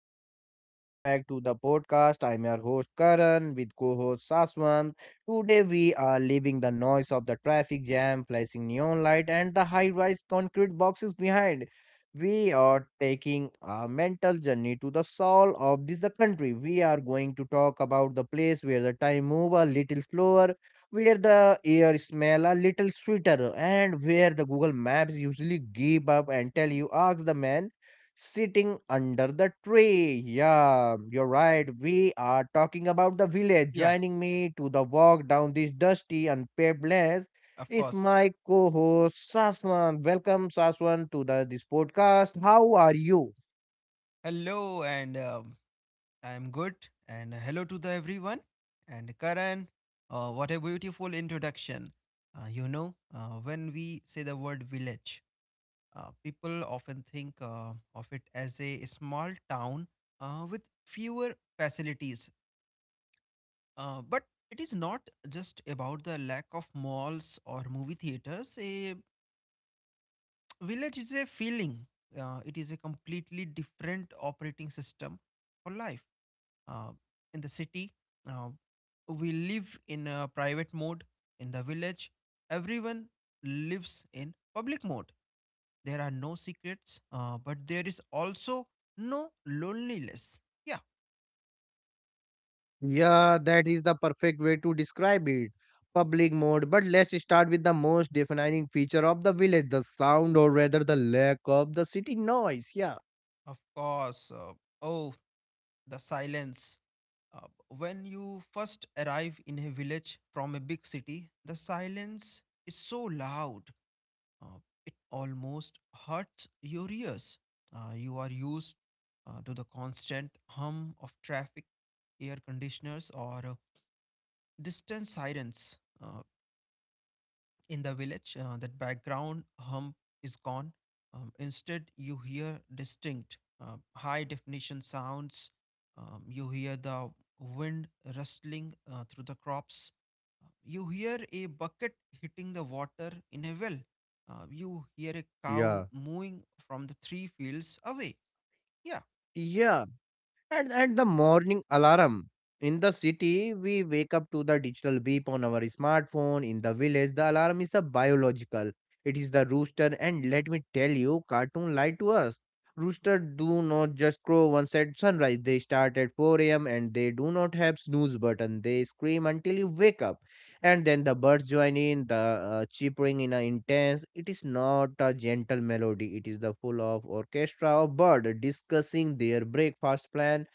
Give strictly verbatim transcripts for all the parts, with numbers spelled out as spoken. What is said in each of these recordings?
everyone, and welcome back to the podcast. I'm your host Karan with co host Saswant. Today, we are leaving the noise of the traffic jam, flashing neon light, and the high rise concrete boxes behind. We are taking a mental journey to the soul of this the country. We are going to talk about the place where the time move a little slower, where the air smell a little sweeter, and where the Google Maps usually give up and tell you ask the man sitting under the tree. Yeah, you're right. We are talking about the village. Yeah, Joining me to the walk down this dusty and paved lane of is course. my co-host Saswan. Welcome, Saswan, to the this podcast. How are you? Hello, and um, I'm good. And hello to the everyone. And Karan, uh, what a beautiful introduction. Uh, you know, uh, when we say the word village, uh, people often think uh, of it as a small town uh, with fewer facilities. Uh, but it is not just about the lack of malls or movie theaters. A village is a feeling. Uh, it is a completely different operating system for life uh, in the city, uh, we live in a private mode. In the village, everyone lives in public mode. There are no secrets, uh, but there is also no loneliness. Yeah, Yeah, that is the perfect way to describe it. Public mode. But let's start with the most defining feature of the village, the sound or rather the lack of the city noise. Yeah. of course. Uh, oh the silence. Uh, when you first arrive in a village from a big city, the silence is so loud. Uh, it almost hurts your ears. Uh, you are used uh, to the constant hum of traffic, air conditioners, or uh, distant sirens, uh, in the village. Uh, that background hum is gone. Um, instead, you hear distinct, uh, high definition sounds. Um, you hear the wind rustling uh, through the crops. You hear a bucket hitting the water in a well. Uh, you hear a cow mooing from the three fields away. Yeah, Yeah. And at the morning alarm in the city, we wake up to the digital beep on our smartphone. In the village, the alarm is a biological. It is the rooster, and let me tell you, cartoon lied to us. Rooster do not just crow once at sunrise. They start at four a m and they do not have snooze button. They scream until you wake up, and then the birds join in the uh, cheepering in an intense, it is not a gentle melody, it is the full of orchestra of bird discussing their breakfast plan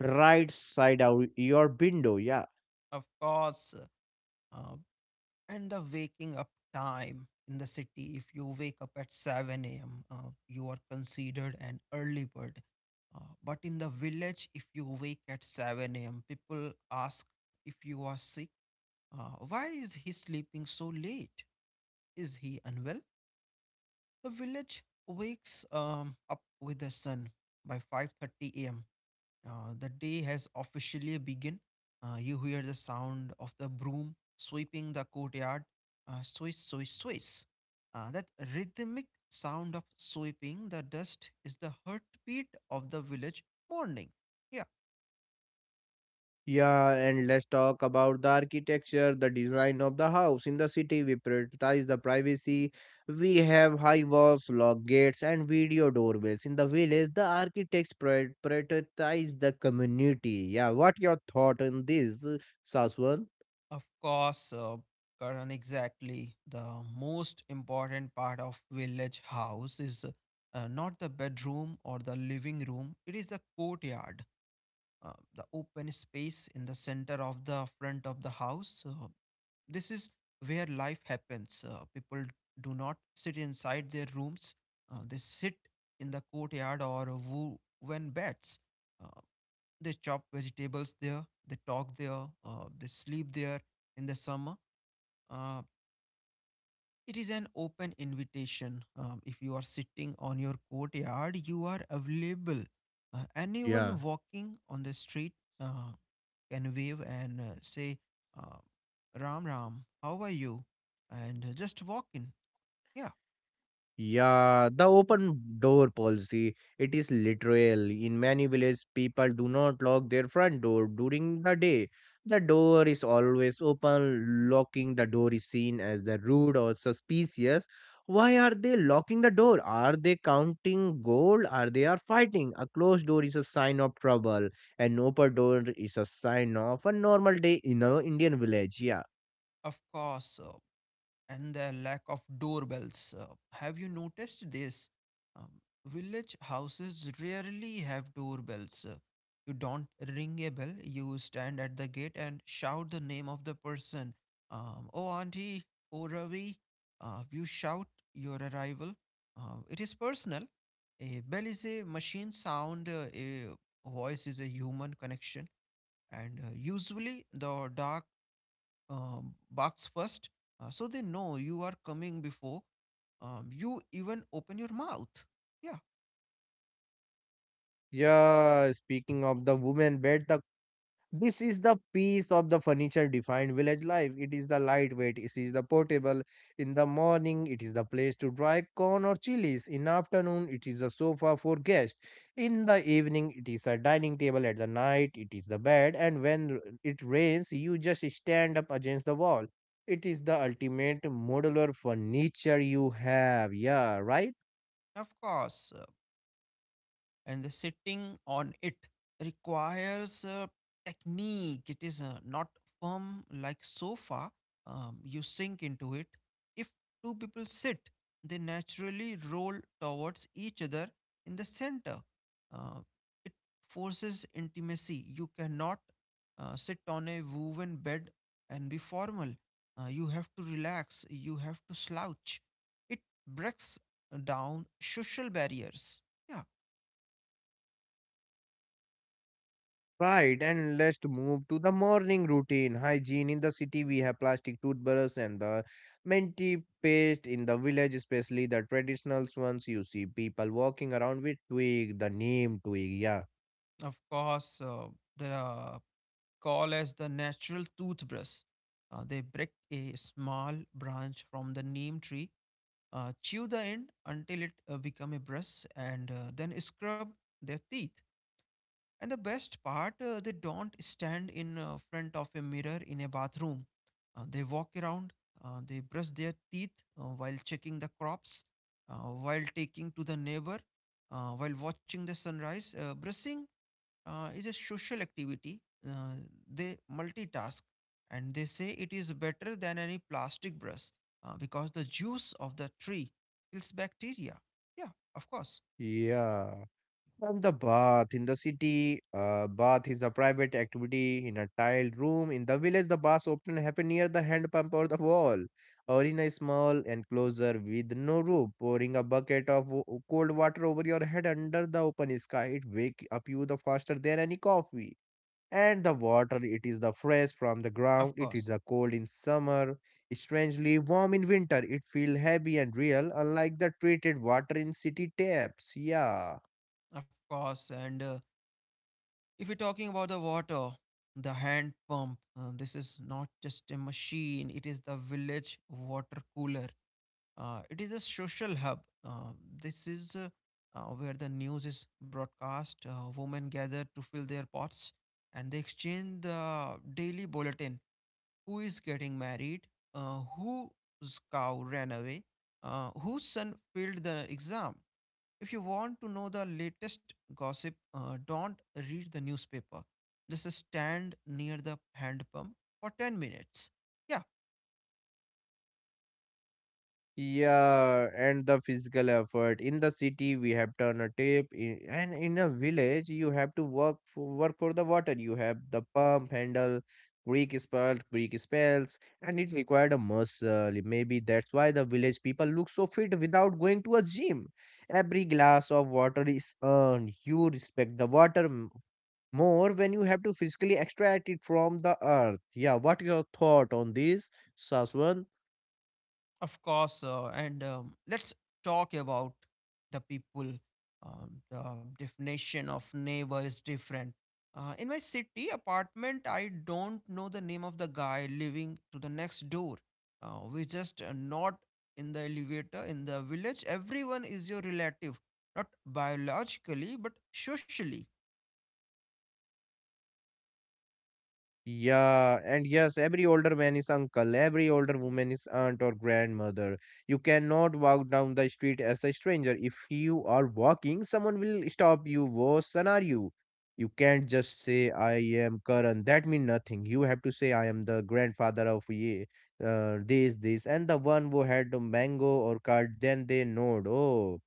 right side out your window. Yeah. of course. Uh, and the waking up time in the city, if you wake up at seven a m, uh, you are considered an early bird. Uh, but in the village, if you wake at seven a m, people ask if you are sick. Uh, why is he sleeping so late? Is he unwell? The village wakes um, up with the sun by five thirty a m. Uh, the day has officially begun. Uh, you hear the sound of the broom sweeping the courtyard. Uh, swish, swish, swish. Uh, that rhythmic sound of sweeping the dust is the heartbeat of the village morning. Yeah, Yeah, and let's talk about the architecture, the design of the house. In the city we prioritize the privacy. We have high walls, lock gates and video doorbells. In the village, the architects prior- prioritize the community. Yeah, what your thought on this, Saswan? of course, uh, Karan, exactly. The most important part of village house is uh, not the bedroom or the living room. It is the courtyard, uh, the open space in the center of the front of the house. Uh, this is where life happens. Uh, people do not sit inside their rooms. Uh, they sit in the courtyard or wo- when beds. Uh, they chop vegetables there, they talk there, uh, they sleep there in the summer. Uh, it is an open invitation. Um, if you are sitting on your courtyard, you are available. Uh, Yeah, anyone walking on the street uh, can wave and uh, say, uh, ram ram, how are you, and uh, just walk in. Yeah, yeah, the open door policy, it is literal. In many villages, people do not lock their front door during the day. The door is always open. Locking the door is seen as the rude or suspicious. Why are they locking the door? Are they counting gold? Are they are fighting? A closed door is a sign of trouble. An open door is a sign of a normal day in a Indian village. Yeah. of course. Uh, and the lack of doorbells. Uh, have you noticed this? Um, village houses rarely have doorbells. Uh, you don't ring a bell, you stand at the gate and shout the name of the person. Um, oh, Auntie, oh, Ravi. Uh, you shout your arrival. Uh, it is personal. A bell is a machine sound, uh, a voice is a human connection, and uh, usually the dark um, box first, uh, so they know you are coming before um, you even open your mouth. Yeah, Yeah, speaking of the woman bed, the this is the piece of the furniture defined village life. It is the lightweight, it is the portable. In the morning, it is the place to dry corn or chilies. In afternoon, it is the sofa for guests. In the evening, it is the dining table. At the night, it is the bed. And when r- it rains, you just stand up against the wall. It is the ultimate modular furniture you have. Yeah, right? of course. uh, and the sitting on it requires a technique. It is uh, not firm like sofa. Um, you sink into it. If two people sit, they naturally roll towards each other in the center. Uh, it forces intimacy. You cannot uh, sit on a woven bed and be formal. Uh, you have to relax. You have to slouch. It breaks down social barriers. Yeah. Right, and let's move to the morning routine. Hygiene in the city, we have plastic toothbrush and the minty paste in the village, especially the traditional ones. You see people walking around with twig, the name twig. Yeah. Of course, uh, they are called as the natural toothbrush. Uh, they break a small branch from the neem tree, uh, chew the end until it uh, become a brush, and uh, then scrub their teeth. And the best part, uh, they don't stand in uh, front of a mirror in a bathroom. Uh, they walk around. Uh, they brush their teeth uh, while checking the crops, uh, while taking to the neighbor, uh, while watching the sunrise. Uh, brushing uh, is a social activity. Uh, they multitask and they say it is better than any plastic brush uh, because the juice of the tree kills bacteria. Yeah, of course. Yeah. From the bath in the city, uh, bath is a private activity in a tiled room. In the village, the baths often happen near the hand pump or the wall, or in a small enclosure with no roof. Pouring a bucket of w- cold water over your head under the open sky, it wake up you the faster than any coffee. And the water, it is the fresh from the ground. Of It is course. a cold in summer, strangely warm in winter. It feel heavy and real, unlike the treated water in city taps. Yeah. Of course. And uh, if we're talking about the water, the hand pump, uh, this is not just a machine, it is the village water cooler. Uh, it is a social hub. Uh, this is uh, uh, Where the news is broadcast. Uh, women gather to fill their pots and they exchange the daily bulletin: who is getting married, uh, whose cow ran away, uh, whose son failed the exam. If you want to know the latest gossip, uh, don't read the newspaper. Just stand near the hand pump for ten minutes. Yeah, Yeah, and the physical effort. In the city, we have turn a tap, i- and in a village, you have to work for, work for the water. You have the pump handle, Greek spell, Greek spells, and it required a muscle. Maybe that's why the village people look so fit without going to a gym. Every glass of water is earned. You respect the water m- more when you have to physically extract it from the earth. Yeah, what is your thought on this, Saswan? of course, uh, and um, let's talk about the people. Um, the definition of neighbor is different. Uh, in my city apartment, I don't know the name of the guy living to the next door. Uh, we just uh, not in the elevator. In the village, everyone is your relative, not biologically but socially. Yeah, and yes, every older man is uncle, every older woman is aunt or grandmother. You cannot walk down the street as a stranger. If you are walking, someone will stop you. Worse scenario. You can't just say I am Karan. That means nothing. You have to say I am the grandfather of ye, uh, this, this, and the one who had the mango or card. Then they nod. Oh,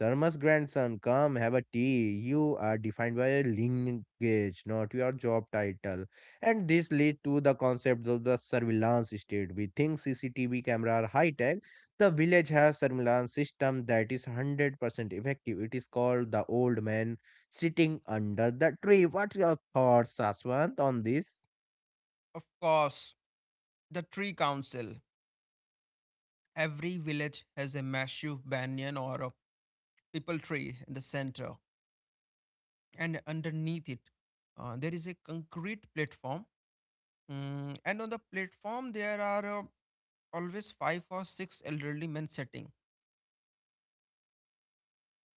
Sharma's grandson, come have a tea. You are defined by your lineage, not your job title. And this leads to the concept of the surveillance state. We think C C T V camera are high tech. The village has surveillance system that is one hundred percent effective. It is called the old man sitting under the tree. What's your thoughts, Saswant, on this? Of course, the tree council. Every village has a massive banyan or a people tree in the center, and underneath it uh, there is a concrete platform. Mm, and on the platform there are uh, always five or six elderly men sitting.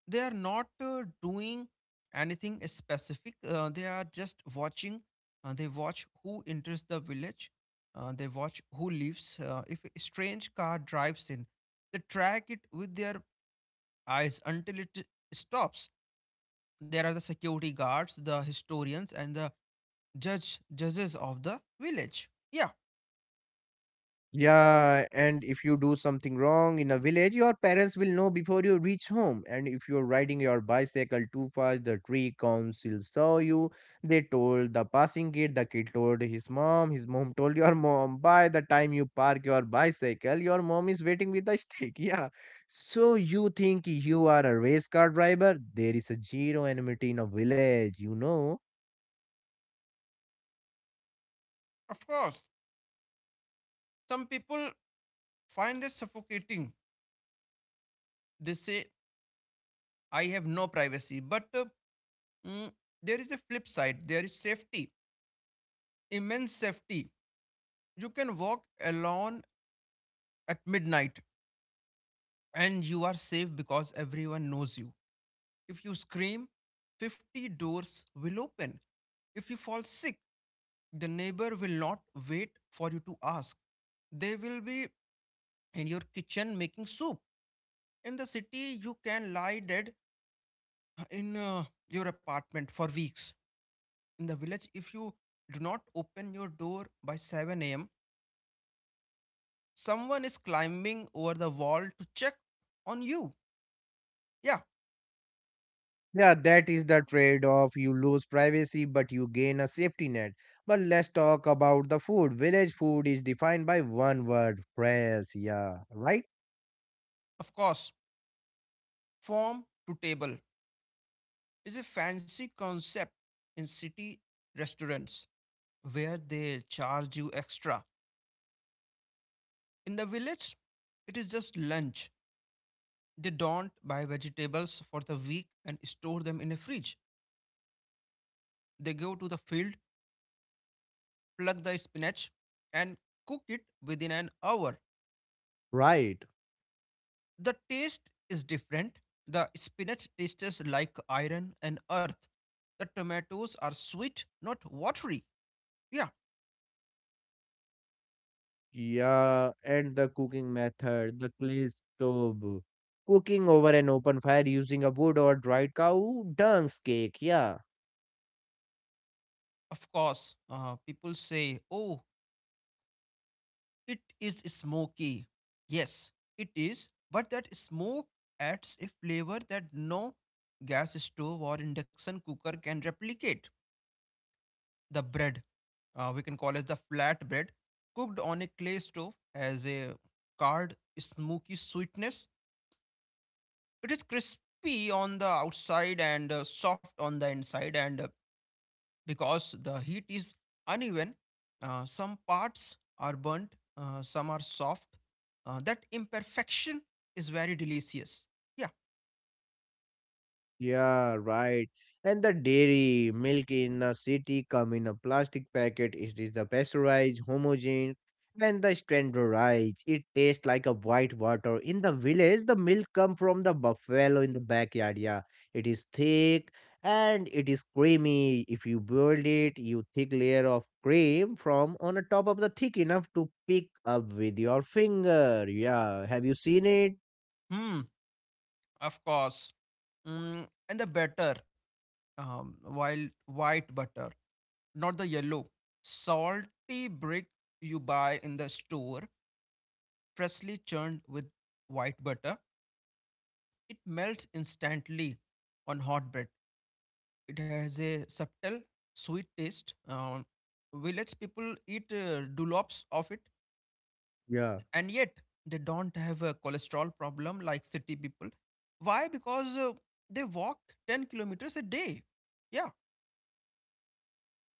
They are not uh, doing anything specific, uh, they are just watching. Uh, they watch who enters the village, uh, they watch who leaves. Uh, if a strange car drives in, they track it with their eyes until it stops. There are the security guards, the historians, and the judge judges of the village. Yeah, Yeah, and if you do something wrong in a village, your parents will know before you reach home. And if you're riding your bicycle too fast, the tree council saw you. They told the passing kid, the kid told his mom, his mom told your mom. By the time you park your bicycle, your mom is waiting with a stick. Yeah. So you think you are a race car driver? There is a zero enmity in a village, you know. of course. Some people find it suffocating. They say, I have no privacy. But uh, mm, there is a flip side. There is safety, immense safety. You can walk alone at midnight and you are safe because everyone knows you. If you scream, fifty doors will open. If you fall sick, the neighbor will not wait for you to ask. They will be in your kitchen making soup. In the city, you can lie dead in uh, your apartment for weeks. In the village, if you do not open your door by seven a m, someone is climbing over the wall to check on you. Yeah, Yeah, that is the trade off. You lose privacy, but you gain a safety net. But let's talk about the food. Village food is defined by one word fresh. Yeah, right? of course. Form to table is a fancy concept in city restaurants where they charge you extra. In the village, it is just lunch. They don't buy vegetables for the week and store them in a fridge. They go to the field, plug the spinach, and cook it within an hour. Right. The taste is different. The spinach tastes like iron and earth. The tomatoes are sweet, not watery. Yeah, Yeah, and the cooking method, the clay stove, cooking over an open fire using a wood or dried cow, dunce cake. Yeah. of course. Uh, people say, oh, it is smoky. Yes, it is. But that smoke adds a flavor that no gas stove or induction cooker can replicate. The bread, uh, we can call as the flat bread, cooked on a clay stove has a card smoky sweetness. It is crispy on the outside and uh, soft on the inside, and uh, because the heat is uneven, uh, some parts are burnt, uh, some are soft. Uh, that imperfection is very delicious. Yeah. Yeah, right. And the dairy milk in the city come in a plastic packet. It is the pasteurized, homogen, and the standardized. It tastes like a white water. In the village, the milk come from the buffalo in the backyard. Yeah, it is thick and it is creamy. If you boil it, you thick layer of cream from on the top of the thick enough to pick up with your finger. Yeah, have you seen it? Hmm. Of course. Mm, and the batter, um, while white butter, not the yellow, salty brick you buy in the store, freshly churned with white butter. It melts instantly on hot bread. It has a subtle, sweet taste. Um, village people eat uh, dolops of it, Yeah. and yet they don't have a cholesterol problem like city people. Why? Because uh, they walk ten kilometers a day. Yeah.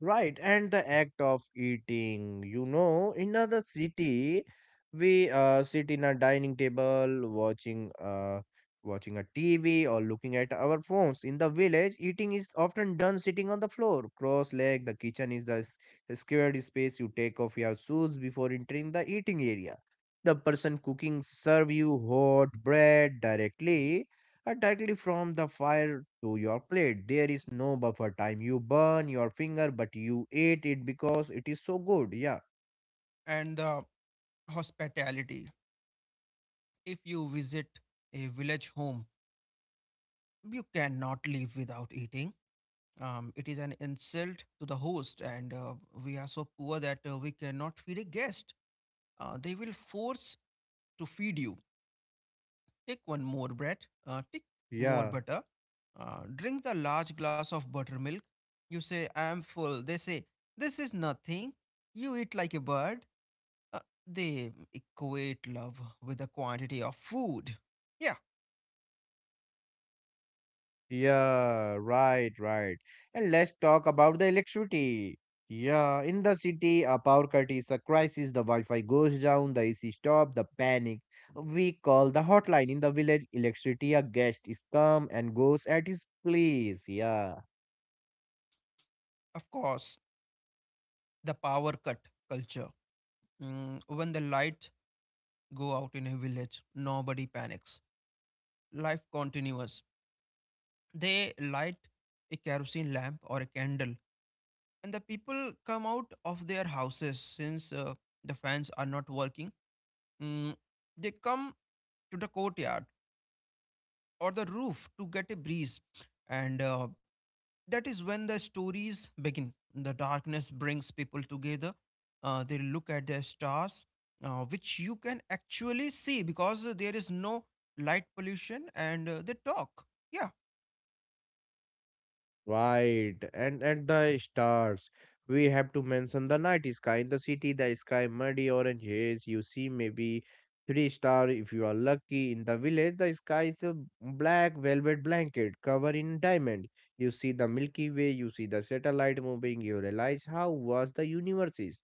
Right, and the act of eating, you know, in another city, we uh, sit in a dining table, watching uh, watching a T V or looking at our phones. In the village, eating is often done sitting on the floor, cross-legged. The kitchen is the s- squared space. You take off your shoes before entering the eating area. The person cooking serve you hot bread directly uh, directly from the fire to your plate. There is no buffer time. You burn your finger, but you ate it because it is so good. Yeah, And the hospitality. If you visit a village home, you cannot live without eating. Um, it is an insult to the host, and uh, we are so poor that uh, we cannot feed a guest. Uh, they will force to feed you. Take one more bread, uh, take more yeah, butter, uh, drink the large glass of buttermilk. You say, I am full. They say, this is nothing. You eat like a bird. Uh, they equate love with the quantity of food. Yeah, yeah, right, right. And let's talk about the electricity. Yeah, in the city, a power cut is a crisis. The Wi Fi goes down, the A C stop, the panic. We call the hotline. In the village, electricity a guest is come and goes at his place. Yeah. of course, the power cut culture. Mm, when the lights go out in a village, nobody panics. Life continues. They light a kerosene lamp or a candle, and the people come out of their houses since uh, the fans are not working. Mm, they come to the courtyard or the roof to get a breeze. And uh, that is when the stories begin. The darkness brings people together. Uh, they look at their stars, uh, which you can actually see because uh, there is no light pollution, and uh, they talk. Yeah, Right, and and the stars. We have to mention the night sky in the city. The sky muddy orange haze. You see maybe three star if you are lucky. In the village, the sky is a black velvet blanket covered in diamond. You see the Milky Way. You see the satellite moving. You realize how vast the universe is.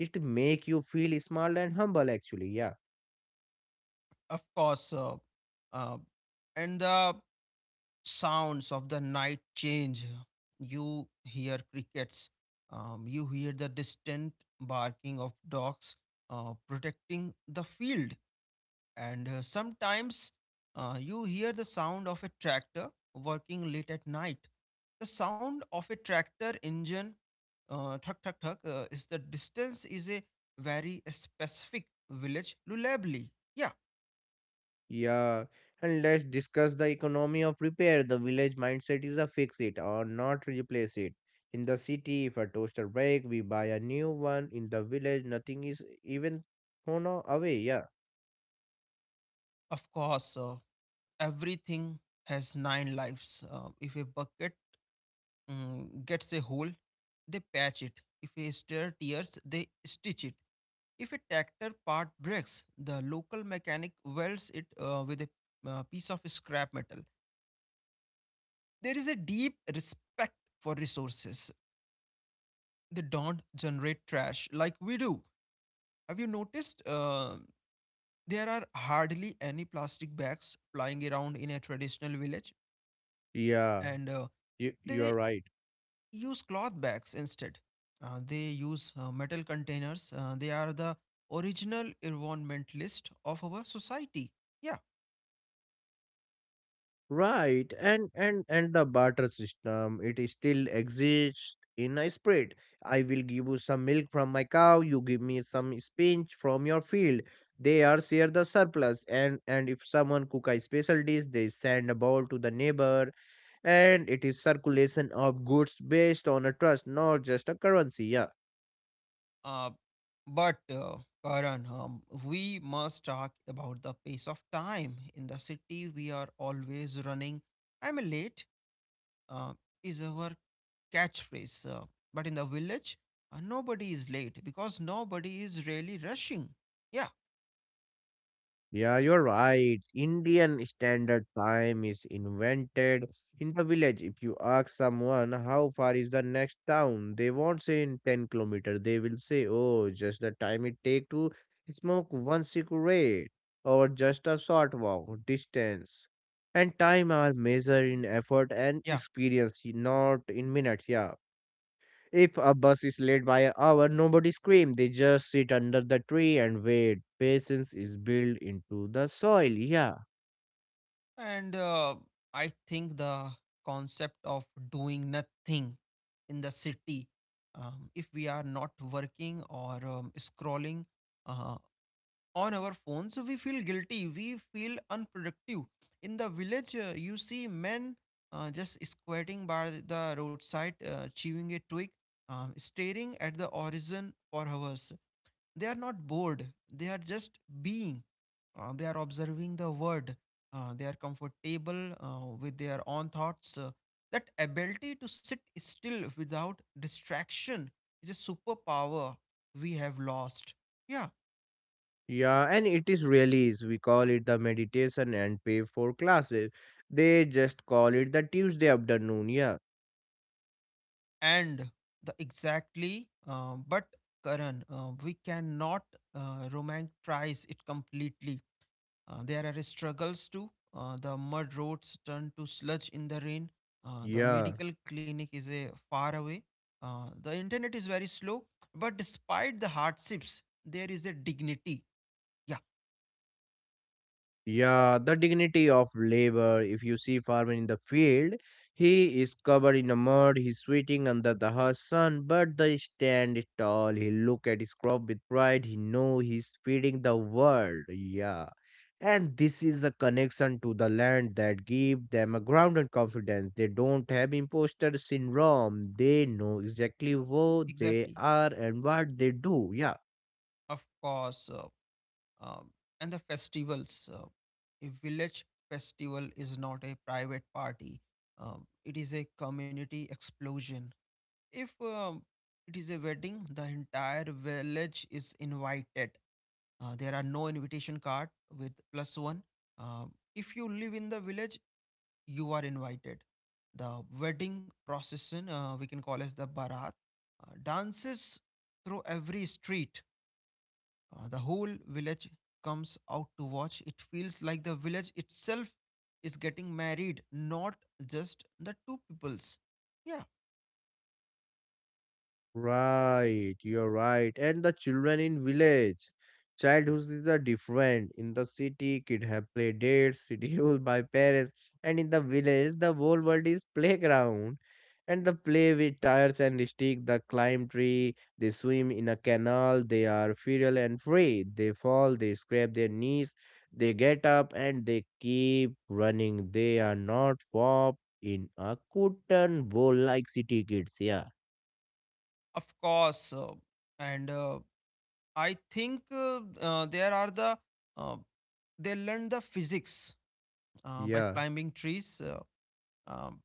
It make you feel small and humble actually. Yeah. of course. Uh, uh, and the sounds of the night change. You hear crickets. Um, you hear the distant barking of dogs uh, protecting the field. And uh, sometimes uh, you hear the sound of a tractor working late at night. The sound of a tractor engine, uh, thuk thuk thuk, uh, is the distance is a very specific village lullably. Yeah, Yeah, and let's discuss the economy of repair. The village mindset is a fix it or not replace it. In the city, if a toaster break, we buy a new one. In the village, nothing is even thrown away. Yeah, of course. Uh, everything has nine lives. Uh, if a bucket mm, gets a hole, they patch it. If a stair tears, they stitch it. If a tractor part breaks, the local mechanic welds it uh, with a uh, piece of scrap metal. There is a deep respect for resources. They don't generate trash like we do. Have you noticed? Uh, there are hardly any plastic bags flying around in a traditional village, yeah, and uh, you you they are right. use cloth bags instead. Uh, they use uh, metal containers. Uh, they are the original environment list of our society. Yeah. Right, and and and the barter system it is still exists in a spread. I will give you some milk from my cow. You give me some spinach from your field. They are share the surplus, and and if someone cook a special dish, they send a bowl to the neighbor, and it is circulation of goods based on a trust, not just a currency. Yeah. Uh, but, uh, Karan, um, we must talk about the pace of time. In the city, we are always running. I'm late uh, is our catchphrase. Uh, but in the village, uh, nobody is late because nobody is really rushing. Yeah. Yeah, you're right. Indian standard time is invented in the village. If you ask someone how far is the next town, they won't say in ten kilometers. They will say, oh, just the time it take to smoke one cigarette or just a short walk distance. And time are measured in effort and experience, not in minutes. Yeah. If a bus is late by an hour, nobody screams. They just sit under the tree and wait. Patience is built into the soil. Yeah. And uh, I think the concept of doing nothing in the city, um, if we are not working or um, scrolling uh, on our phones, we feel guilty. We feel unproductive. In the village, uh, you see men uh, just squatting by the roadside, uh, chewing a twig, um, staring at the horizon for hours. They are not bored, they are just being. Uh, they are observing the world. Uh, they are comfortable uh, with their own thoughts. Uh, that ability to sit still without distraction is a superpower we have lost. Yeah. Yeah. And it is really release. We call it the meditation and pay for classes. They just call it the Tuesday afternoon. Yeah. And the exactly uh, but Karan, uh, we cannot uh, romanticize it completely. Uh, there are struggles too. Uh, the mud roads turn to sludge in the rain. Uh, the Yeah. medical clinic is a far away. Uh, the internet is very slow. But despite the hardships, there is a dignity. Yeah, Yeah, the dignity of labor. If you see farmer in the field, he is covered in the mud, he's sweating under the hot sun, but the stand tall. He look at his crop with pride. He know he's feeding the world. Yeah. And this is a connection to the land that give them a grounded confidence. They don't have imposter syndrome. They know exactly who they exactly. are and what they do. Yeah. Of course. Uh, um, and the festivals. Uh, a village festival is not a private party. Um, it is a community explosion. If um, it is a wedding, the entire village is invited. Uh, there are no invitation card with plus one. Um, if you live in the village, you are invited. The wedding procession, uh, we can call as the barat, uh, dances through every street. Uh, the whole village comes out to watch. It feels like the village itself is getting married, not just the two peoples. Yeah. Right, you're right. And the children in village. Childhoods is a different. In the city, kid have play dates, scheduled by parents. And in the village, the whole world is playground. And the play with tires and stick, the climb tree, they swim in a canal, they are feral and free. They fall, they scrape their knees, they get up and they keep running. They are not warped in a cotton wool like city kids, yeah. Of course. Uh, and uh, I think uh, uh, there are the uh, they learn the physics uh, by Yeah. climbing trees. Uh, um,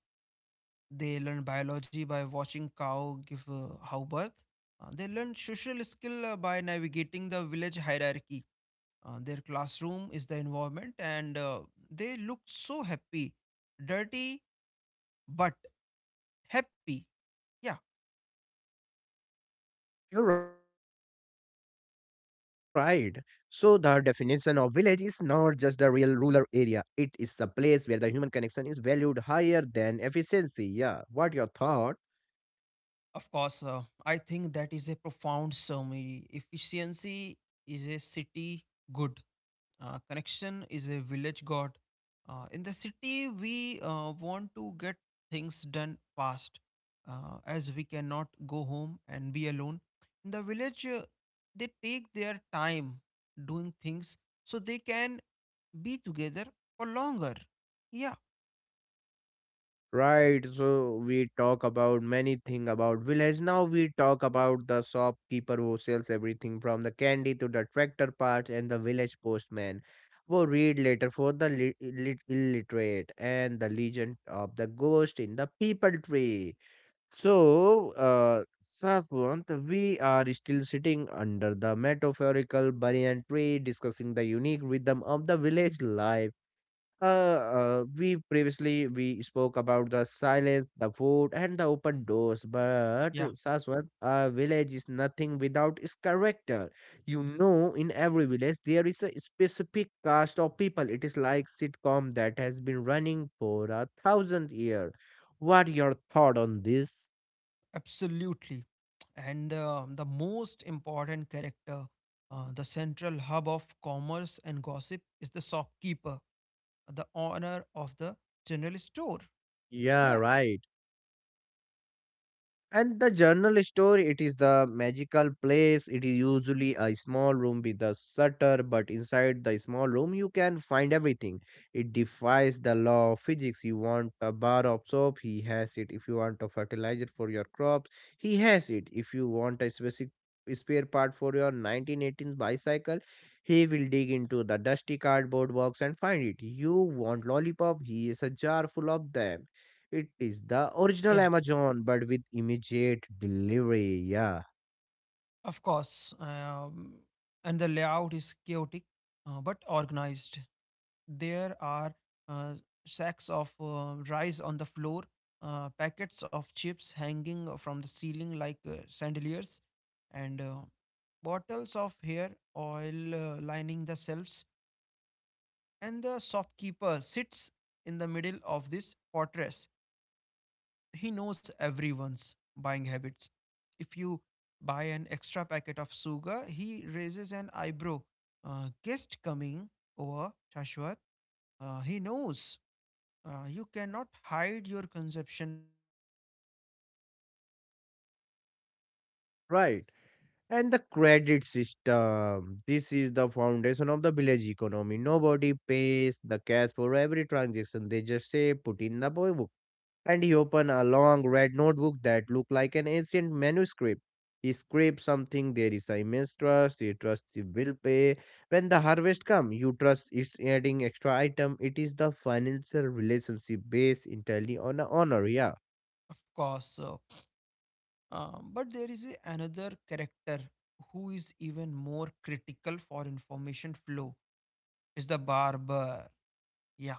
they learn biology by watching cow give uh, how birth. Uh, they learn social skill uh, by navigating the village hierarchy. Uh, their classroom is the environment, and uh, they look so happy, dirty but happy. Yeah. You're right. So the definition of village is not just the real rural area. It is the place where the human connection is valued higher than efficiency. Yeah, what your thought? Of course. uh, I think that is a profound summary. Efficiency is a city good, uh, connection is a village god. Uh, in the city, we uh, want to get things done fast uh, as we cannot go home and be alone. In the village, uh, they take their time doing things so they can be together for longer. Yeah, Right. So we talk about many thing about village. Now we talk about the shopkeeper who sells everything from the candy to the tractor parts and the village postman, who read letter for the lit- lit- illiterate and the legend of the ghost in the people tree. So, uh, Saswant, we are still sitting under the metaphorical banyan tree discussing the unique rhythm of the village life. Uh, uh, we previously we spoke about the silence, the food, and the open doors. But yeah, Saswant, a village is nothing without its character. You know, in every village there is a specific cast of people. It is like sitcom that has been running for a thousand years. What your thought on this? absolutely. And uh, the most important character, uh, the central hub of commerce and gossip, is the shopkeeper, the owner of the general store. Yeah, Yeah, right. And the journal store, it is the magical place. It is usually a small room with a shutter, but inside the small room, you can find everything. It defies the law of physics. You want a bar of soap, he has it. If you want a fertilizer for your crops, he has it. If you want a specific spare part for your nineteen eighteen bicycle, he will dig into the dusty cardboard box and find it. You want lollipop, he is a jar full of them. It is the original yeah, Amazon, but with immediate delivery. Yeah, of course. Um, and the layout is chaotic uh, but organized. There are uh, sacks of uh, rice on the floor, uh, packets of chips hanging from the ceiling like uh, chandeliers, and uh, bottles of hair oil uh, lining the shelves. And the shopkeeper sits in the middle of this fortress. He knows everyone's buying habits. If you buy an extra packet of sugar, he raises an eyebrow. Uh, guest coming over, Shashwat. Uh, he knows. Uh, you cannot hide your consumption from him. Yeah, right. And the credit system. This is the foundation of the village economy. Nobody pays the cash for every transaction. They just say put in the book, and he opened a long red notebook that looked like an ancient manuscript. He scraped something, there is a immense trust, he trust he will pay. When the harvest come, you trust it's adding extra item. It is the financial relationship based entirely on a honor, yeah. of course. So, um, but there is a- another character who is even more critical for information flow. Is the barber. Yeah.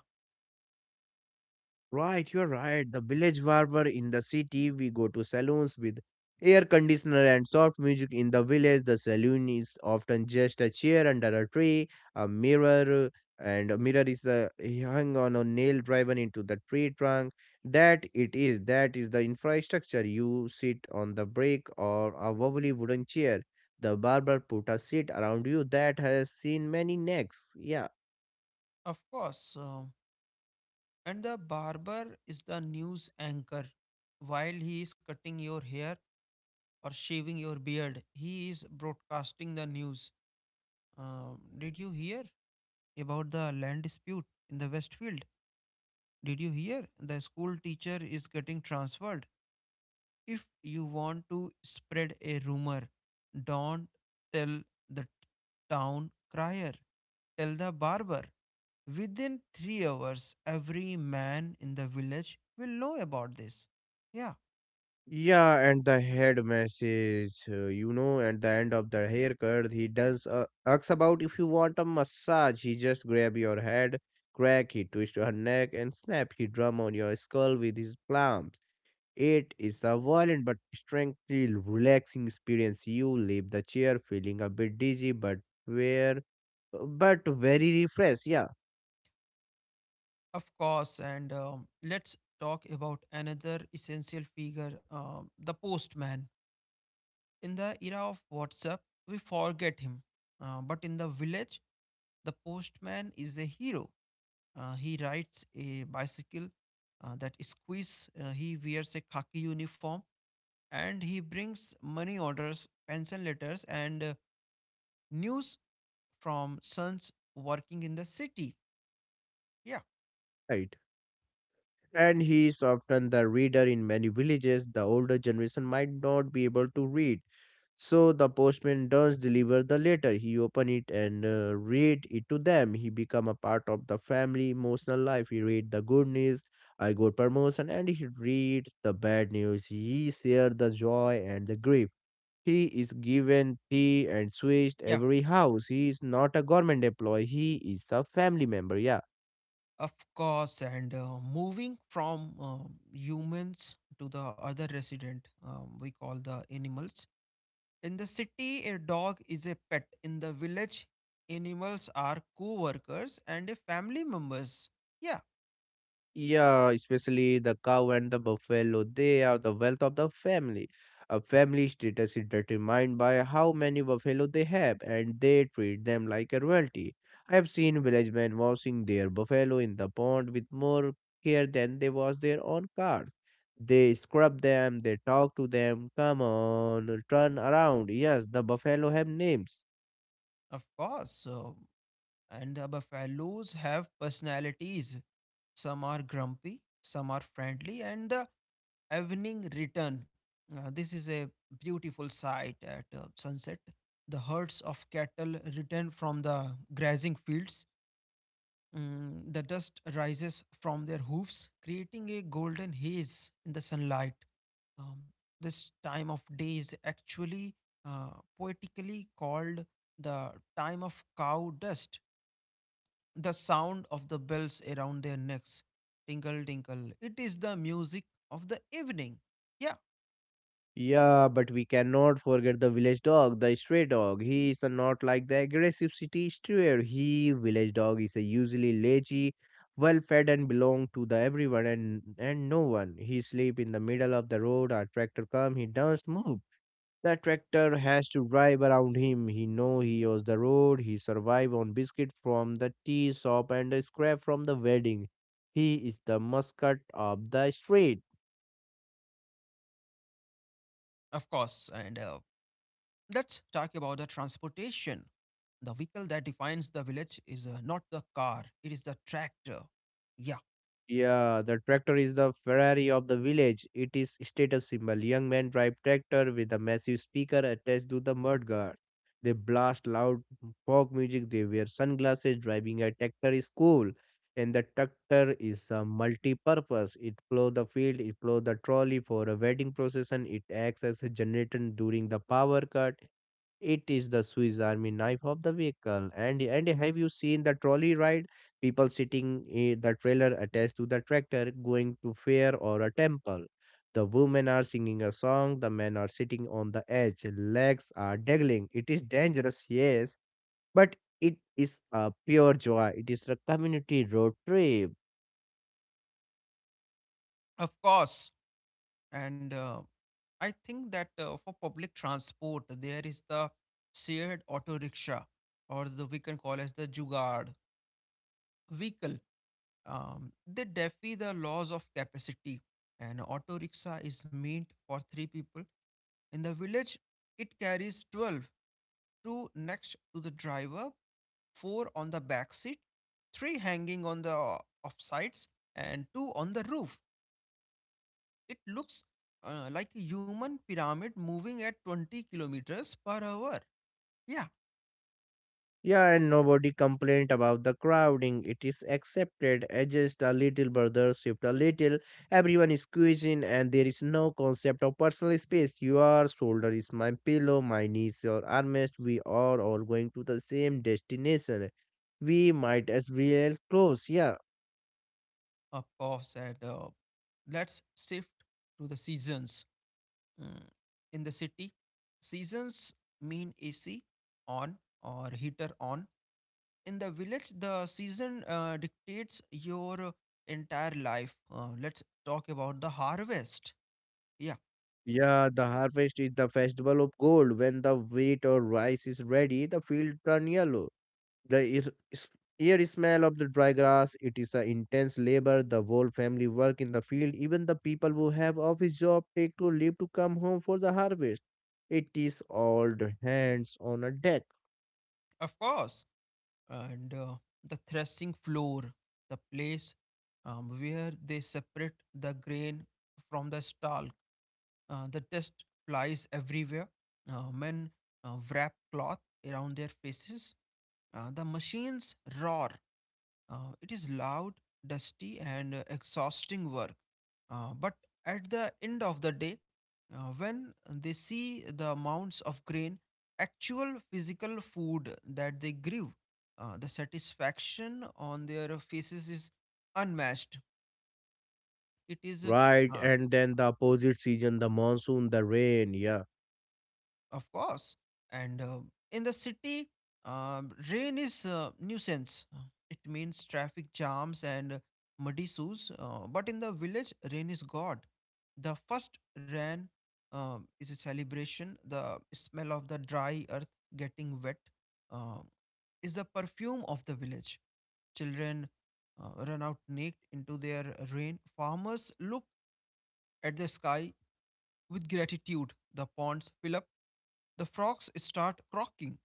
Right, you're right. The village barber. In the city, we go to saloons with air conditioner and soft music. In the village, the saloon is often just a chair under a tree, a mirror, and a mirror is uh, hung on a nail driven into the tree trunk. That it is, that is the infrastructure. You sit on the brick or a wobbly wooden chair. The barber put a seat around you that has seen many necks. Yeah. Of course. Um, and the barber is the news anchor. While he is cutting your hair or shaving your beard, he is broadcasting the news. Um, did you hear about the land dispute in the Westfield? Did you hear the school teacher is getting transferred? If you want to spread a rumor, don't tell the town crier, tell the barber. Within three hours, every man in the village will know about this. Yeah, Yeah, and the head massage, uh, you know, at the end of the haircut, he does uh, asks about if you want a massage. He just grab your head, crack, he twist your neck, and snap, he drum on your skull with his palms. It is a violent but strangely relaxing experience. You leave the chair feeling a bit dizzy, but where, but very refreshed. Yeah, of course. And um, Let's talk about another essential figure, um, the postman. In the era of WhatsApp, we forget him. Uh, but in the village, the postman is a hero. Uh, he rides a bicycle uh, that squeeze. Uh, he wears a khaki uniform and he brings money orders, pension letters, and uh, news from sons working in the city. Yeah, right. And he is often the reader in many villages. The older generation might not be able to read. So the postman does deliver the letter. He open it and uh, read it to them. He become a part of the family emotional life. He read the good news, I got promotion, and he read the bad news. He share the joy and the grief. He is given tea and switched yeah, every house. He is not a government employee. He is a family member. Yeah. of course. And uh, moving from um, humans to the other resident, um, we call the animals. In the city, a dog is a pet. In the village, animals are co workers and a family members. Yeah. Yeah, especially the cow and the buffalo, they are the wealth of the family. A family status is determined by how many buffalo they have, and they treat them like a royalty. I have seen village men washing their buffalo in the pond with more care than they wash their own cars. They scrub them, they talk to them, come on, turn around. Yes, the buffalo have names. Of course. So, and the buffaloes have personalities. Some are grumpy, some are friendly, and the evening return. Uh, this is a beautiful sight at uh, sunset. The herds of cattle return from the grazing fields. Mm, the dust rises from their hoofs, creating a golden haze in the sunlight. Um, this time of day is actually uh, poetically called the time of cow dust. The sound of the bells around their necks tinkle, tinkle. It is the music of the evening. Yeah, Yeah, but we cannot forget the village dog, the stray dog. He is not like the aggressive city stray. He village dog is a usually lazy, well fed and belong to the everyone and and no one. He sleep in the middle of the road. A tractor come, he doesn't move. The tractor has to drive around him. He know he owes the road. He survive on biscuit from the tea shop and a scrap from the wedding. He is the mascot of the street. of course. And uh, let's talk about the transportation. The vehicle that defines the village is uh, not the car, it is the tractor. Yeah, Yeah, the tractor is the Ferrari of the village. It is status symbol. Young men drive tractor with a massive speaker attached to the mud guard. They blast loud folk music. They wear sunglasses. Driving a tractor is cool, and the tractor is a multi-purpose. It plow the field. It plow the trolley for a wedding procession. It acts as a generator during the power cut. It is the Swiss Army knife of the vehicle. And and have you seen the trolley ride? People sitting in the trailer attached to the tractor going to fair or a temple. The women are singing a song, the men are sitting on the edge, legs are dangling. It is dangerous, yes, but it is a pure joy. It is a community road trip. of course. And uh, I think that uh, for public transport, there is the shared auto rickshaw, or the, we can call as the jugaad vehicle. Um, they defy the laws of capacity. An auto rickshaw is meant for three people. In the village, it carries twelve: two next to the driver, four on the back seat, three hanging on the offsides, and two on the roof. It looks uh, like a human pyramid moving at twenty kilometers per hour. Yeah, Yeah, and nobody complained about the crowding. It is accepted, adjust a little, brother, shift a little. Everyone is squeezing, and there is no concept of personal space. Your shoulder is my pillow, my knee is your armrest. We are all going to the same destination. We might as well close. Yeah, of course. And uh, let's shift to the seasons. Mm, in the city, seasons mean A C on or heater on. In the village, the season uh, dictates your entire life. Uh, let's talk about the harvest. Yeah, yeah. The harvest is the festival of gold. When the wheat or rice is ready, the field turn yellow. The ear, s- ear smell of the dry grass, it is the intense labor, the whole family work in the field, even the people who have office job take to leave to come home for the harvest. It is all the hands on a deck. of course. And uh, the threshing floor, the place um, where they separate the grain from the stalk. Uh, the dust flies everywhere. Uh, men uh, wrap cloth around their faces. Uh, the machines roar. Uh, it is loud, dusty, and uh, exhausting work. Uh, but at the end of the day, uh, when they see the amounts of grain, actual physical food that they grew, uh, the satisfaction on their faces is unmatched. It is Right, uh, and then the opposite season, the monsoon, the rain. Yeah. Of course. And uh, in the city, uh, rain is uh, nuisance. Uh, It means traffic jams and muddy shoes. Uh, but in the village, rain is God. The first rain uh, is a celebration. The smell of the dry earth getting wet uh, is the perfume of the village. Children uh, run out naked into their rain. Farmers look at the sky with gratitude. The ponds fill up, the frogs start croaking.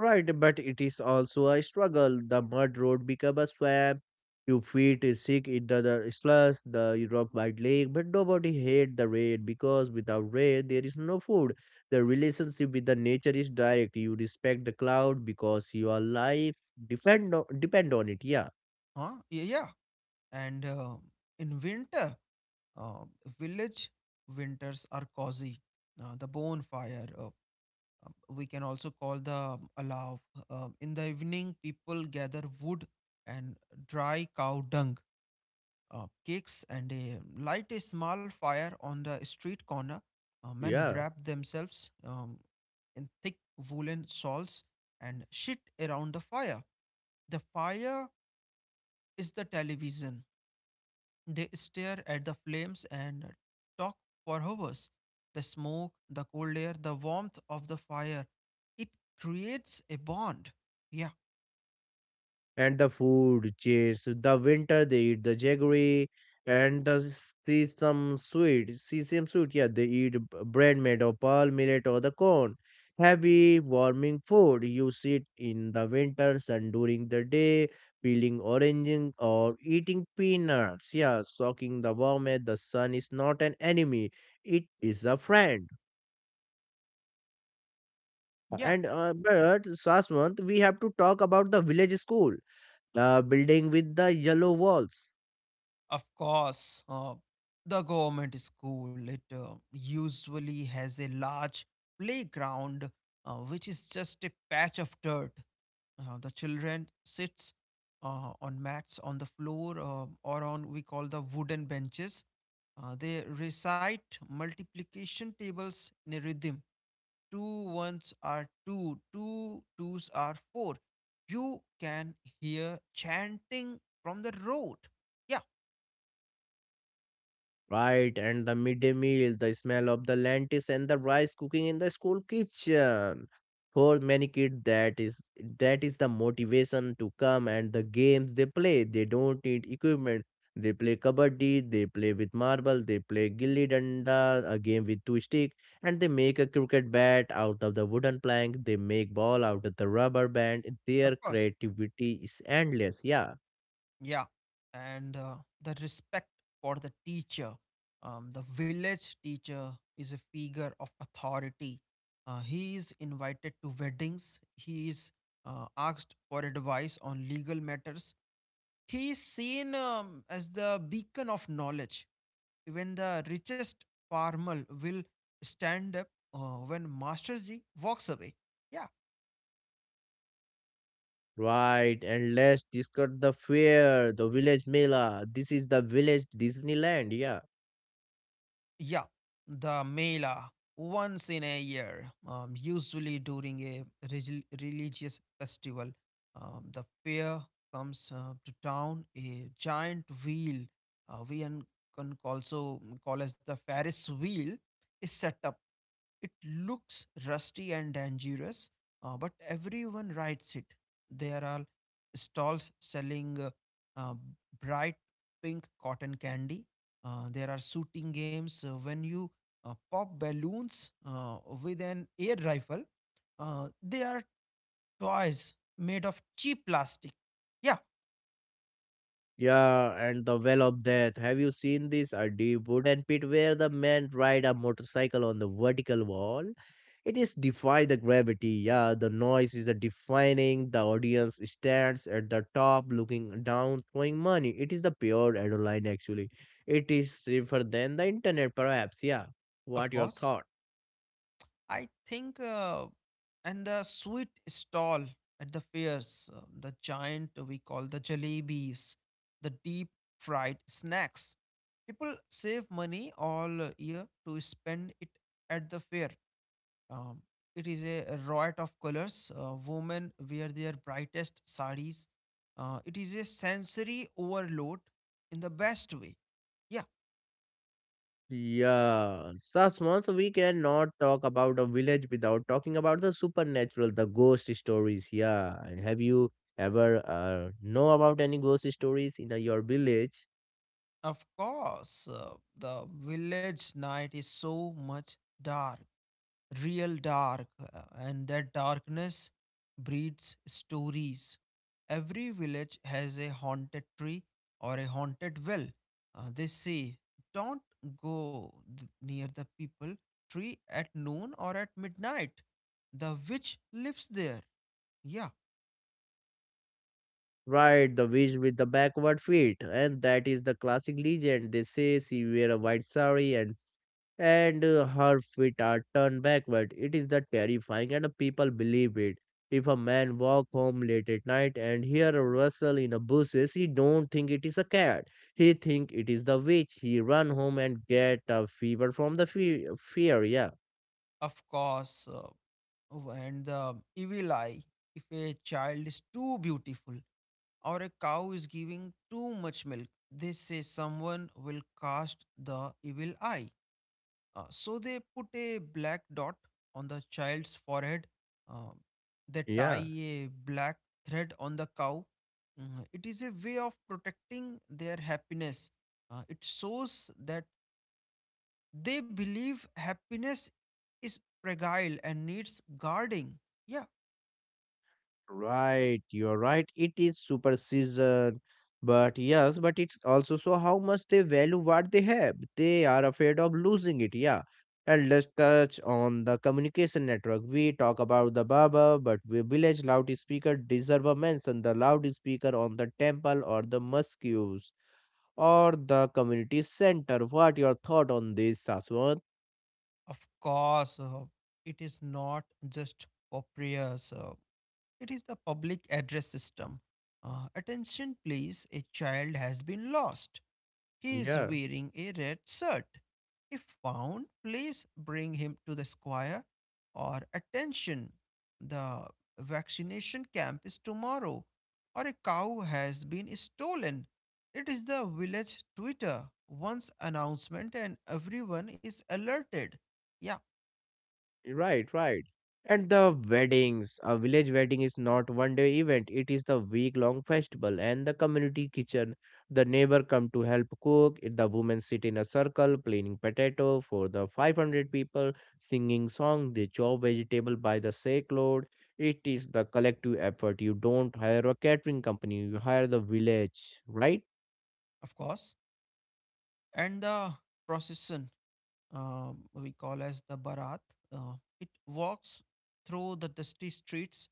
Right, but it is also a struggle. The mud road become a swamp. Your feet is sick in the, the slush, the rock white lake, but nobody hate the rain because without rain there is no food. The relationship with the nature is direct. You respect the cloud because your life depend on, depend on it. Yeah, Huh? Yeah, yeah. And uh, in winter, uh, village winters are cozy. Uh, the bonfire, uh, uh, we can also call the um, allow. Uh, in the evening, people gather wood and dry cow dung, uh, cakes, and a, light a small fire on the street corner. Uh, men yeah. wrap themselves um, in thick woolen shawls and sit around the fire. The fire is the television. They stare at the flames and talk for hours. The smoke, the cold air, the warmth of the fire. It creates a bond. Yeah, And the food chase the winter, they eat the jaggery and the sesame sweet sesame sweet, yeah, they eat b- bread made of pearl millet or the corn, heavy warming food. You sit in the winter sun during the day peeling oranges or eating peanuts, yeah, soaking the warmth. The sun is not an enemy, it is a friend. yeah. And uh, but Saswant, we have to talk about the village school, the building with the yellow walls. Of course. Uh, the government school it uh, usually has a large playground, uh, which is just a patch of dirt. Uh, the children sits uh, on mats on the floor uh, or on we call the wooden benches. Uh, they recite multiplication tables in a rhythm. Two ones are two, two twos are four. You can hear chanting from the road. Yeah, Right, and the midday meal, the smell of the lentils and the rice cooking in the school kitchen. For many kids, that is that is the motivation to come, and the games they play. They don't need equipment. They play kabaddi, they play with marble, they play gilli danda, a game with two stick, and they make a cricket bat out of the wooden plank. They make ball out of the rubber band. of Their course. creativity is endless. Yeah. Yeah, and uh, the respect for the teacher. Um, the village teacher is a figure of authority. Uh, he is invited to weddings. He is uh, asked for advice on legal matters. He is seen um, as the beacon of knowledge. Even the richest farmer will stand up uh, when Master G walks away. Yeah. Right, and let's discuss the fair, the village Mela. This is the village Disneyland, yeah. Yeah, the Mela once in a year, um, usually during a regi- religious festival. Um, the fair comes uh, to town, a giant wheel. Uh, we un- can also call as the Ferris wheel is set up. It looks rusty and dangerous, uh, but everyone rides it. There are stalls selling uh, uh, bright pink cotton candy. Uh, there are shooting games uh, when you uh, pop balloons uh, with an air rifle. Uh, they are toys made of cheap plastic. Yeah, Yeah, and the Well of Death. Have you seen this? A deep wooden pit where the men ride a motorcycle on the vertical wall. It is defy the gravity, yeah. The noise is the defining. The audience stands at the top looking down, throwing money. It is the pure adrenaline, actually. It is safer than the internet, perhaps, yeah. What of your course. thought? I think, uh, and the sweet stall at the fairs, uh, the giant we call the jalebis, the deep fried snacks. People save money all year to spend it at the fair. Um, it is a riot of colors. Uh, women wear their brightest saris. Uh, it is a sensory overload in the best way. Yeah, Yeah, thus once we cannot talk about a village without talking about the supernatural, the ghost stories. Yeah, and have you ever uh, know about any ghost stories in uh, your village? of course, uh, the village night is so much dark, real dark, uh, and that darkness breeds stories. Every village has a haunted tree or a haunted well. Uh, they say, don't go th- near the people tree at noon or at midnight. The witch lives there. Yeah, Right, the witch with the backward feet, and that is the classic legend. They say she wear a white sari, and and uh, her feet are turned backward. It is the terrifying, and the people believe it. If a man walk home late at night and hear a rustle in the bushes, he don't think it is a cat. He think it is the witch. He run home and get a fever from the fe- fear. Yeah. of course. Uh, oh, and the evil eye. If a child is too beautiful, or a cow is giving too much milk, they say someone will cast the evil eye. Uh, so they put a black dot on the child's forehead. Uh, they tie Yeah, a black thread on the cow. Mm, it is a way of protecting their happiness. Uh, it shows that they believe happiness is fragile and needs guarding. Yeah, right, you're right. It is superstition, but yes, but it's also so how much they value what they have. They are afraid of losing it. Yeah, and let's touch on the communication network. We talk about the Baba, but we village loudspeaker deserve a mention. The loudspeaker on the temple or the mosque or the community center. What your thought on this, Saswan? of course, uh, it is not just Poprius. Uh, it is the public address system. Uh, attention, please. A child has been lost. He is Yeah. wearing a red shirt. If found, please bring him to the square. Or attention, the vaccination camp is tomorrow. Or a cow has been stolen. It is the village Twitter. Once announcement and everyone is alerted. Yeah, Right, right. And the weddings, a village wedding is not one day event. It is the week long festival and the community kitchen. The neighbor come to help cook. i- The women sit in a circle peeling potato for the five hundred people, singing song. They chop vegetable by the sake load. It is the collective effort. You don't hire a catering company. You hire the village, right? of course. And the procession, um, we call as the Barat, uh, it walks through the dusty streets.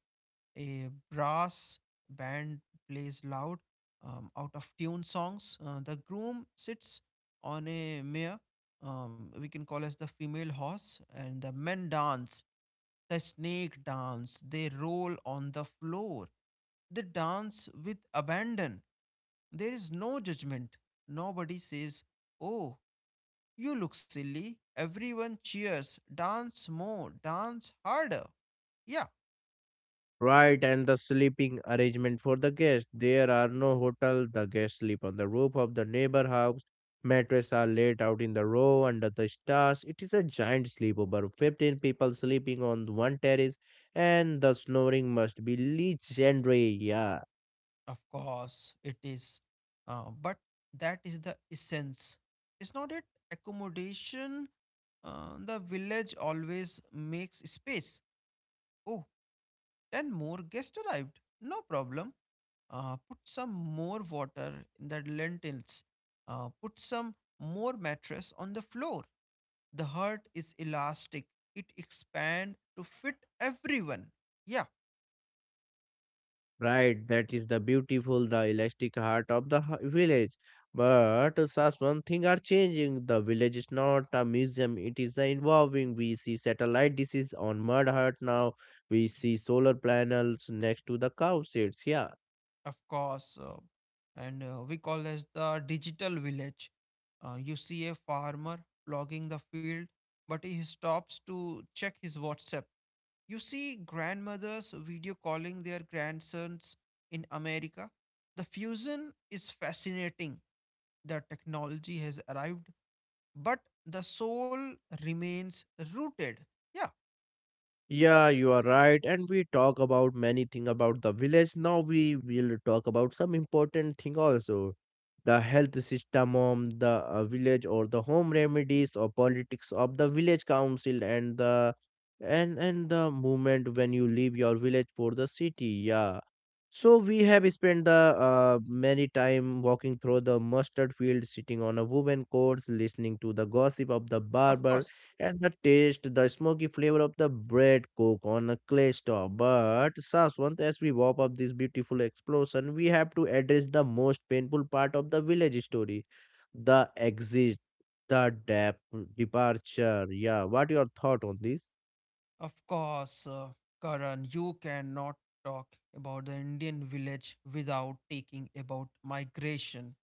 A brass band plays loud, um, out of tune songs. Uh, the groom sits on a mare, um, we can call as the female horse, and the men dance. The snake dance. They roll on the floor. They dance with abandon. There is no judgment. Nobody says, oh, you look silly. Everyone cheers. Dance more, dance harder. Yeah, Right, and the sleeping arrangement for the guests. There are no hotel. The guests sleep on the roof of the neighbor house. Mattresses are laid out in the row under the stars. It is a giant sleepover. Fifteen people sleeping on one terrace, and the snoring must be legendary. Yeah. of course, it is. Uh, but that is the essence. Is not it accommodation? Uh, the village always makes space. Oh, ten more guests arrived. No problem. Uh, put some more water in the lentils, uh, put some more mattress on the floor. The heart is elastic, it expand to fit everyone. Yeah, Right, that is the beautiful, the elastic heart of the h- village. But such one thing are changing. The village is not a museum, it is a involving. We see satellite dishes on mud hut now. We see solar panels next to the cow sheds. Yeah. of course. uh, and uh, we call as the digital village. Uh, you see a farmer plogging the field, but he stops to check his WhatsApp. You see grandmothers video calling their grandsons in America. The fusion is fascinating, the technology has arrived, but the soul remains rooted. Yeah, Yeah, you are right. And we talk about many thing about the village. Now we will talk about some important thing also. The health system of the uh, village or the home remedies or politics of the village council and the and and the movement when you leave your village for the city. Yeah. So we have spent the uh, many time walking through the mustard field, sitting on a woven court, listening to the gossip of the of barber course. and the taste, the smoky flavor of the bread cook on a clay stove. But Saswant, as we wrap up this beautiful explosion, we have to address the most painful part of the village story. The exit, the dep departure. Yeah, what your thought on this? Of course, uh, Karan, you cannot talk about the Indian village without taking about migration.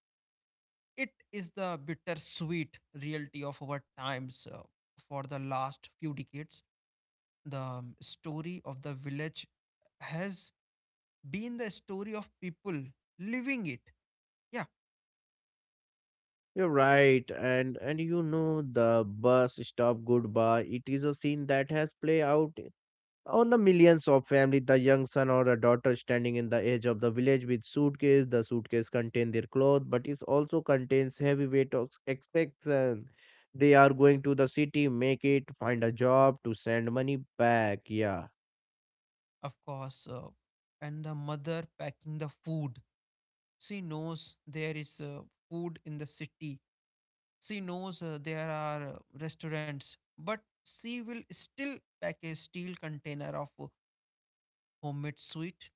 It is the bittersweet reality of our times. Uh, for the last few decades, the um, story of the village has been the story of people living it. Yeah, You're right, and and you know the bus stop goodbye. It is a scene that has played out on the millions of family, the young son or a daughter standing in the edge of the village with suitcase. The suitcase contains their clothes, but it also contains heavy weight of expectation. They are going to the city, make it, find a job to send money back. Yeah, of course, uh, and the mother packing the food, she knows there is uh, food in the city, she knows uh, there are uh, restaurants, but she will still pack a steel container of uh, homemade sweet,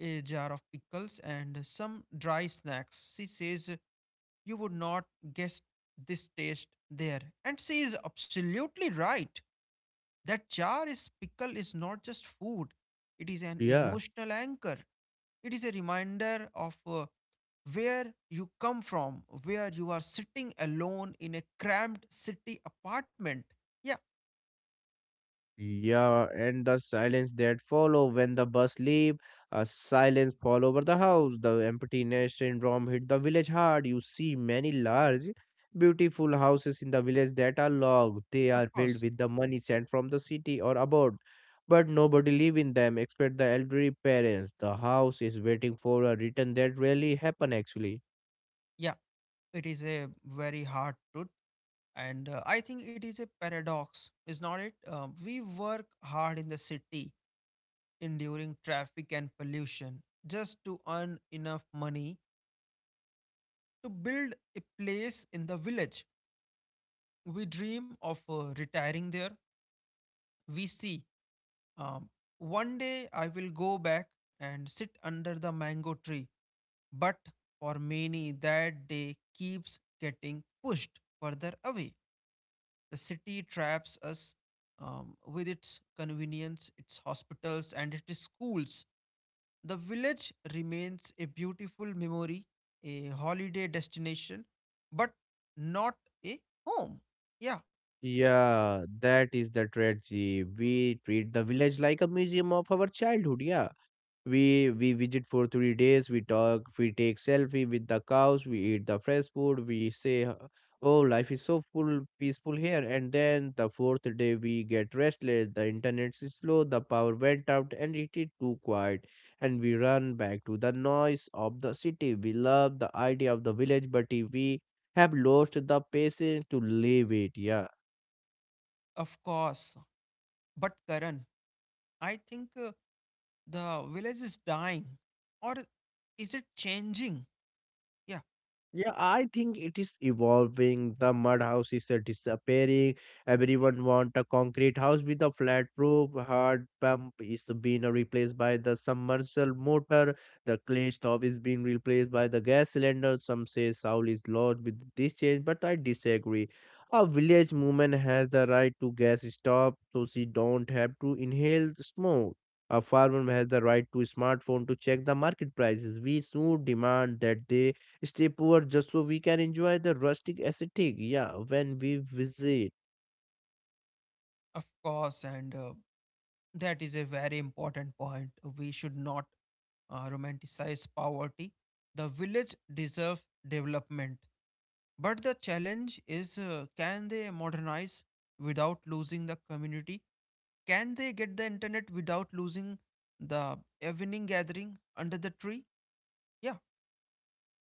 a jar of pickles and some dry snacks. She says, uh, you would not guess this taste there, and she is absolutely right. That jar is pickle is not just food, it is an yeah. emotional anchor. It is a reminder of uh, where you come from, where you are sitting alone in a cramped city apartment. Yeah, Yeah, and the silence that follow when the bus leave, a silence fall over the house. The emptiness syndrome hit the village hard. You see many large, beautiful houses in the village that are locked. They of are course. built with the money sent from the city or abroad, but nobody live in them except the elderly parents. The house is waiting for a return that rarely happen actually. Yeah, it is a very hard truth. And uh, I think it is a paradox, is not it? Uh, we work hard in the city, enduring traffic and pollution, just to earn enough money to build a place in the village we dream of uh, retiring there. We see, um, one day I will go back and sit under the mango tree. But for many, that day keeps getting pushed further away. The city traps us, um, with its convenience, its hospitals, and its schools. The village remains a beautiful memory, a holiday destination, but not a home. Yeah, Yeah, that is the tragedy. We treat the village like a museum of our childhood. Yeah. We we visit for three days. We talk. We take selfie with the cows. We eat the fresh food. We say, h- "Oh, life is so full, peaceful here." And then the fourth day, we get restless. The internet is slow. The power went out, and it is too quiet. And we run back to the noise of the city. We love the idea of the village, but we have lost the patience to leave it. Yeah. of course. But Karan, I think uh, the village is dying, or is it changing? Yeah, Yeah, I think it is evolving. The mud house is uh, disappearing. Everyone want a concrete house with a flat roof. Hard pump is being replaced by the submersible motor. The clay stove is being replaced by the gas cylinder. Some say soul is lost with this change, but I disagree. A village woman has the right to gas stove, so she don't have to inhale smoke. A farmer has the right to smartphone to check the market prices. We should demand that they stay poor just so we can enjoy the rustic aesthetic. Yeah, when we visit. of course, and uh, that is a very important point. We should not uh, romanticize poverty. The village deserves development, but the challenge is: uh, can they modernize without losing the community? Can they get the internet without losing the evening gathering under the tree? Yeah,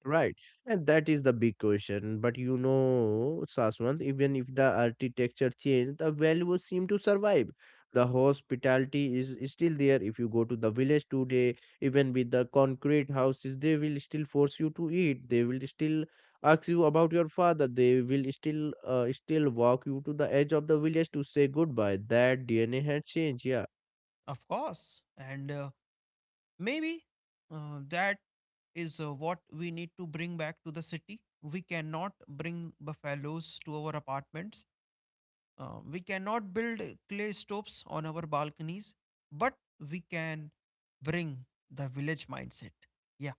Right, and that is the big question. But you know, Saswant, even if the architecture changed, the values seem to survive. The hospitality is still there. If you go to the village today, even with the concrete houses, they will still force you to eat. They will still ask you about your father. They will still, uh, still walk you to the edge of the village to say goodbye. That D N A had changed. Yeah. of course, and. Uh, maybe uh, that is uh, what we need to bring back to the city. We cannot bring buffaloes to our apartments. Uh, we cannot build clay stoves on our balconies, but we can bring the village mindset. Yeah,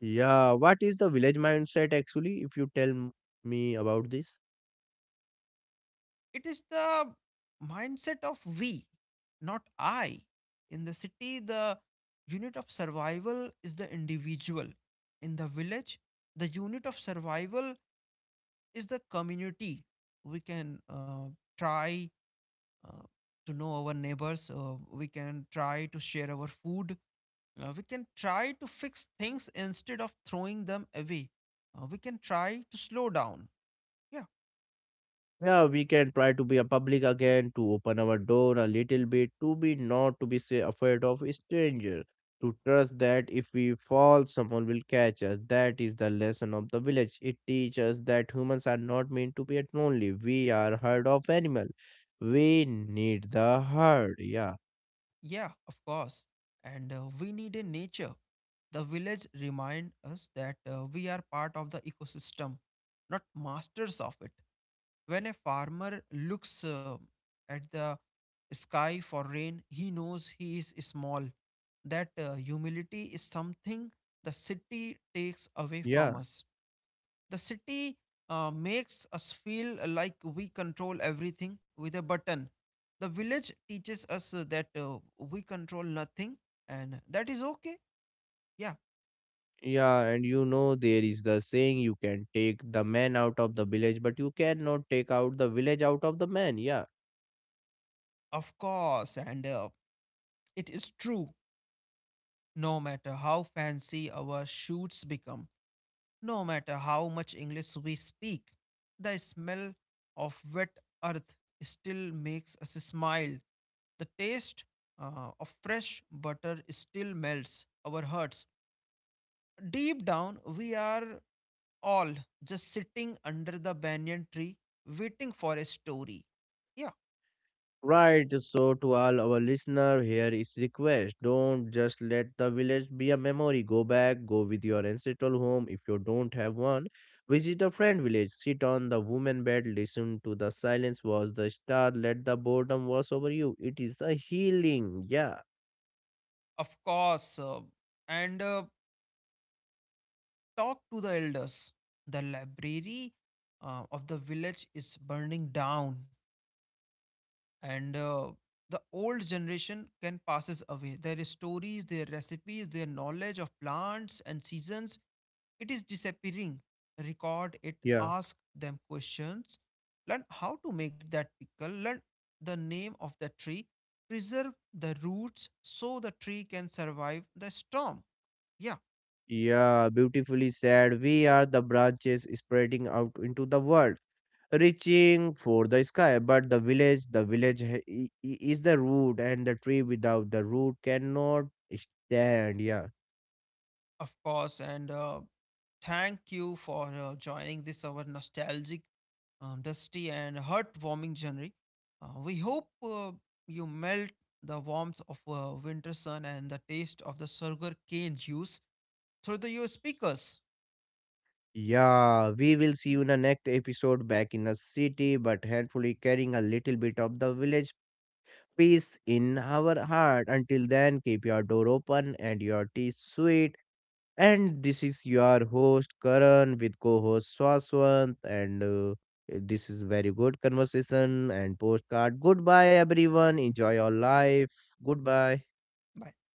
Yeah, what is the village mindset actually? If you tell m- me about this, it is the mindset of we, not I. In the city, the unit of survival is the individual. In the village, the unit of survival is the community. We can uh, try uh, to know our neighbors. Uh, we can try to share our food. Uh, we can try to fix things instead of throwing them away. Uh, we can try to slow down. Yeah, yeah, we can try to be a public again, to open our door a little bit, to be not to be say afraid of strangers, to trust that if we fall, someone will catch us. That is the lesson of the village. It teaches that humans are not meant to be at lonely. We are herd of animal. We need the herd. Yeah, yeah, of course. And uh, we need a nature. The village remind us that uh, we are part of the ecosystem, not masters of it. When a farmer looks uh, at the sky for rain, he knows he is small. That uh, humility is something the city takes away from yeah. us. The city uh, makes us feel like we control everything with a button. The village teaches us uh, that uh, we control nothing, and that is okay. Yeah, Yeah, and you know, there is the saying you can take the man out of the village, but you cannot take out the village out of the man. Yeah. of course. And uh, it is true, no matter how fancy our shoots become, no matter how much English we speak, the smell of wet earth still makes us smile. The taste uh, of fresh butter still melts our hearts. Deep down, we are all just sitting under the banyan tree waiting for a story. Yeah, Right. So, to all our listener, here is request. Don't just let the village be a memory. Go back, go with your ancestral home if you don't have one. Visit a friend village, sit on the woman bed, listen to the silence, watch the star, let the boredom wash over you. It is a healing. Yeah. of course. uh, and uh, talk to the elders. The library uh, of the village is burning down, and uh, the old generation can passes away, their stories, their recipes, their knowledge of plants and seasons, it is disappearing. Record it, Yeah. ask them questions, learn how to make that pickle, learn the name of the tree, preserve the roots so the tree can survive the storm. Yeah, Yeah, beautifully said. We are the branches spreading out into the world, reaching for the sky. But the village, the village ha- i- i- is the root, and the tree without the root cannot stand. Yeah. of course, and uh, thank you for uh, joining this our nostalgic, um, dusty, and heartwarming journey. Uh, we hope uh, you melt the warmth of uh, winter sun and the taste of the sugar cane juice through the, your speakers. Yeah, we will see you in the next episode back in the city, but handfully carrying a little bit of the village peace in our heart. Until then, keep your door open and your tea sweet. And this is your host Karan with co-host Swaswant and uh, this is very good conversation and postcard. Goodbye everyone. Enjoy your life. Goodbye. Bye.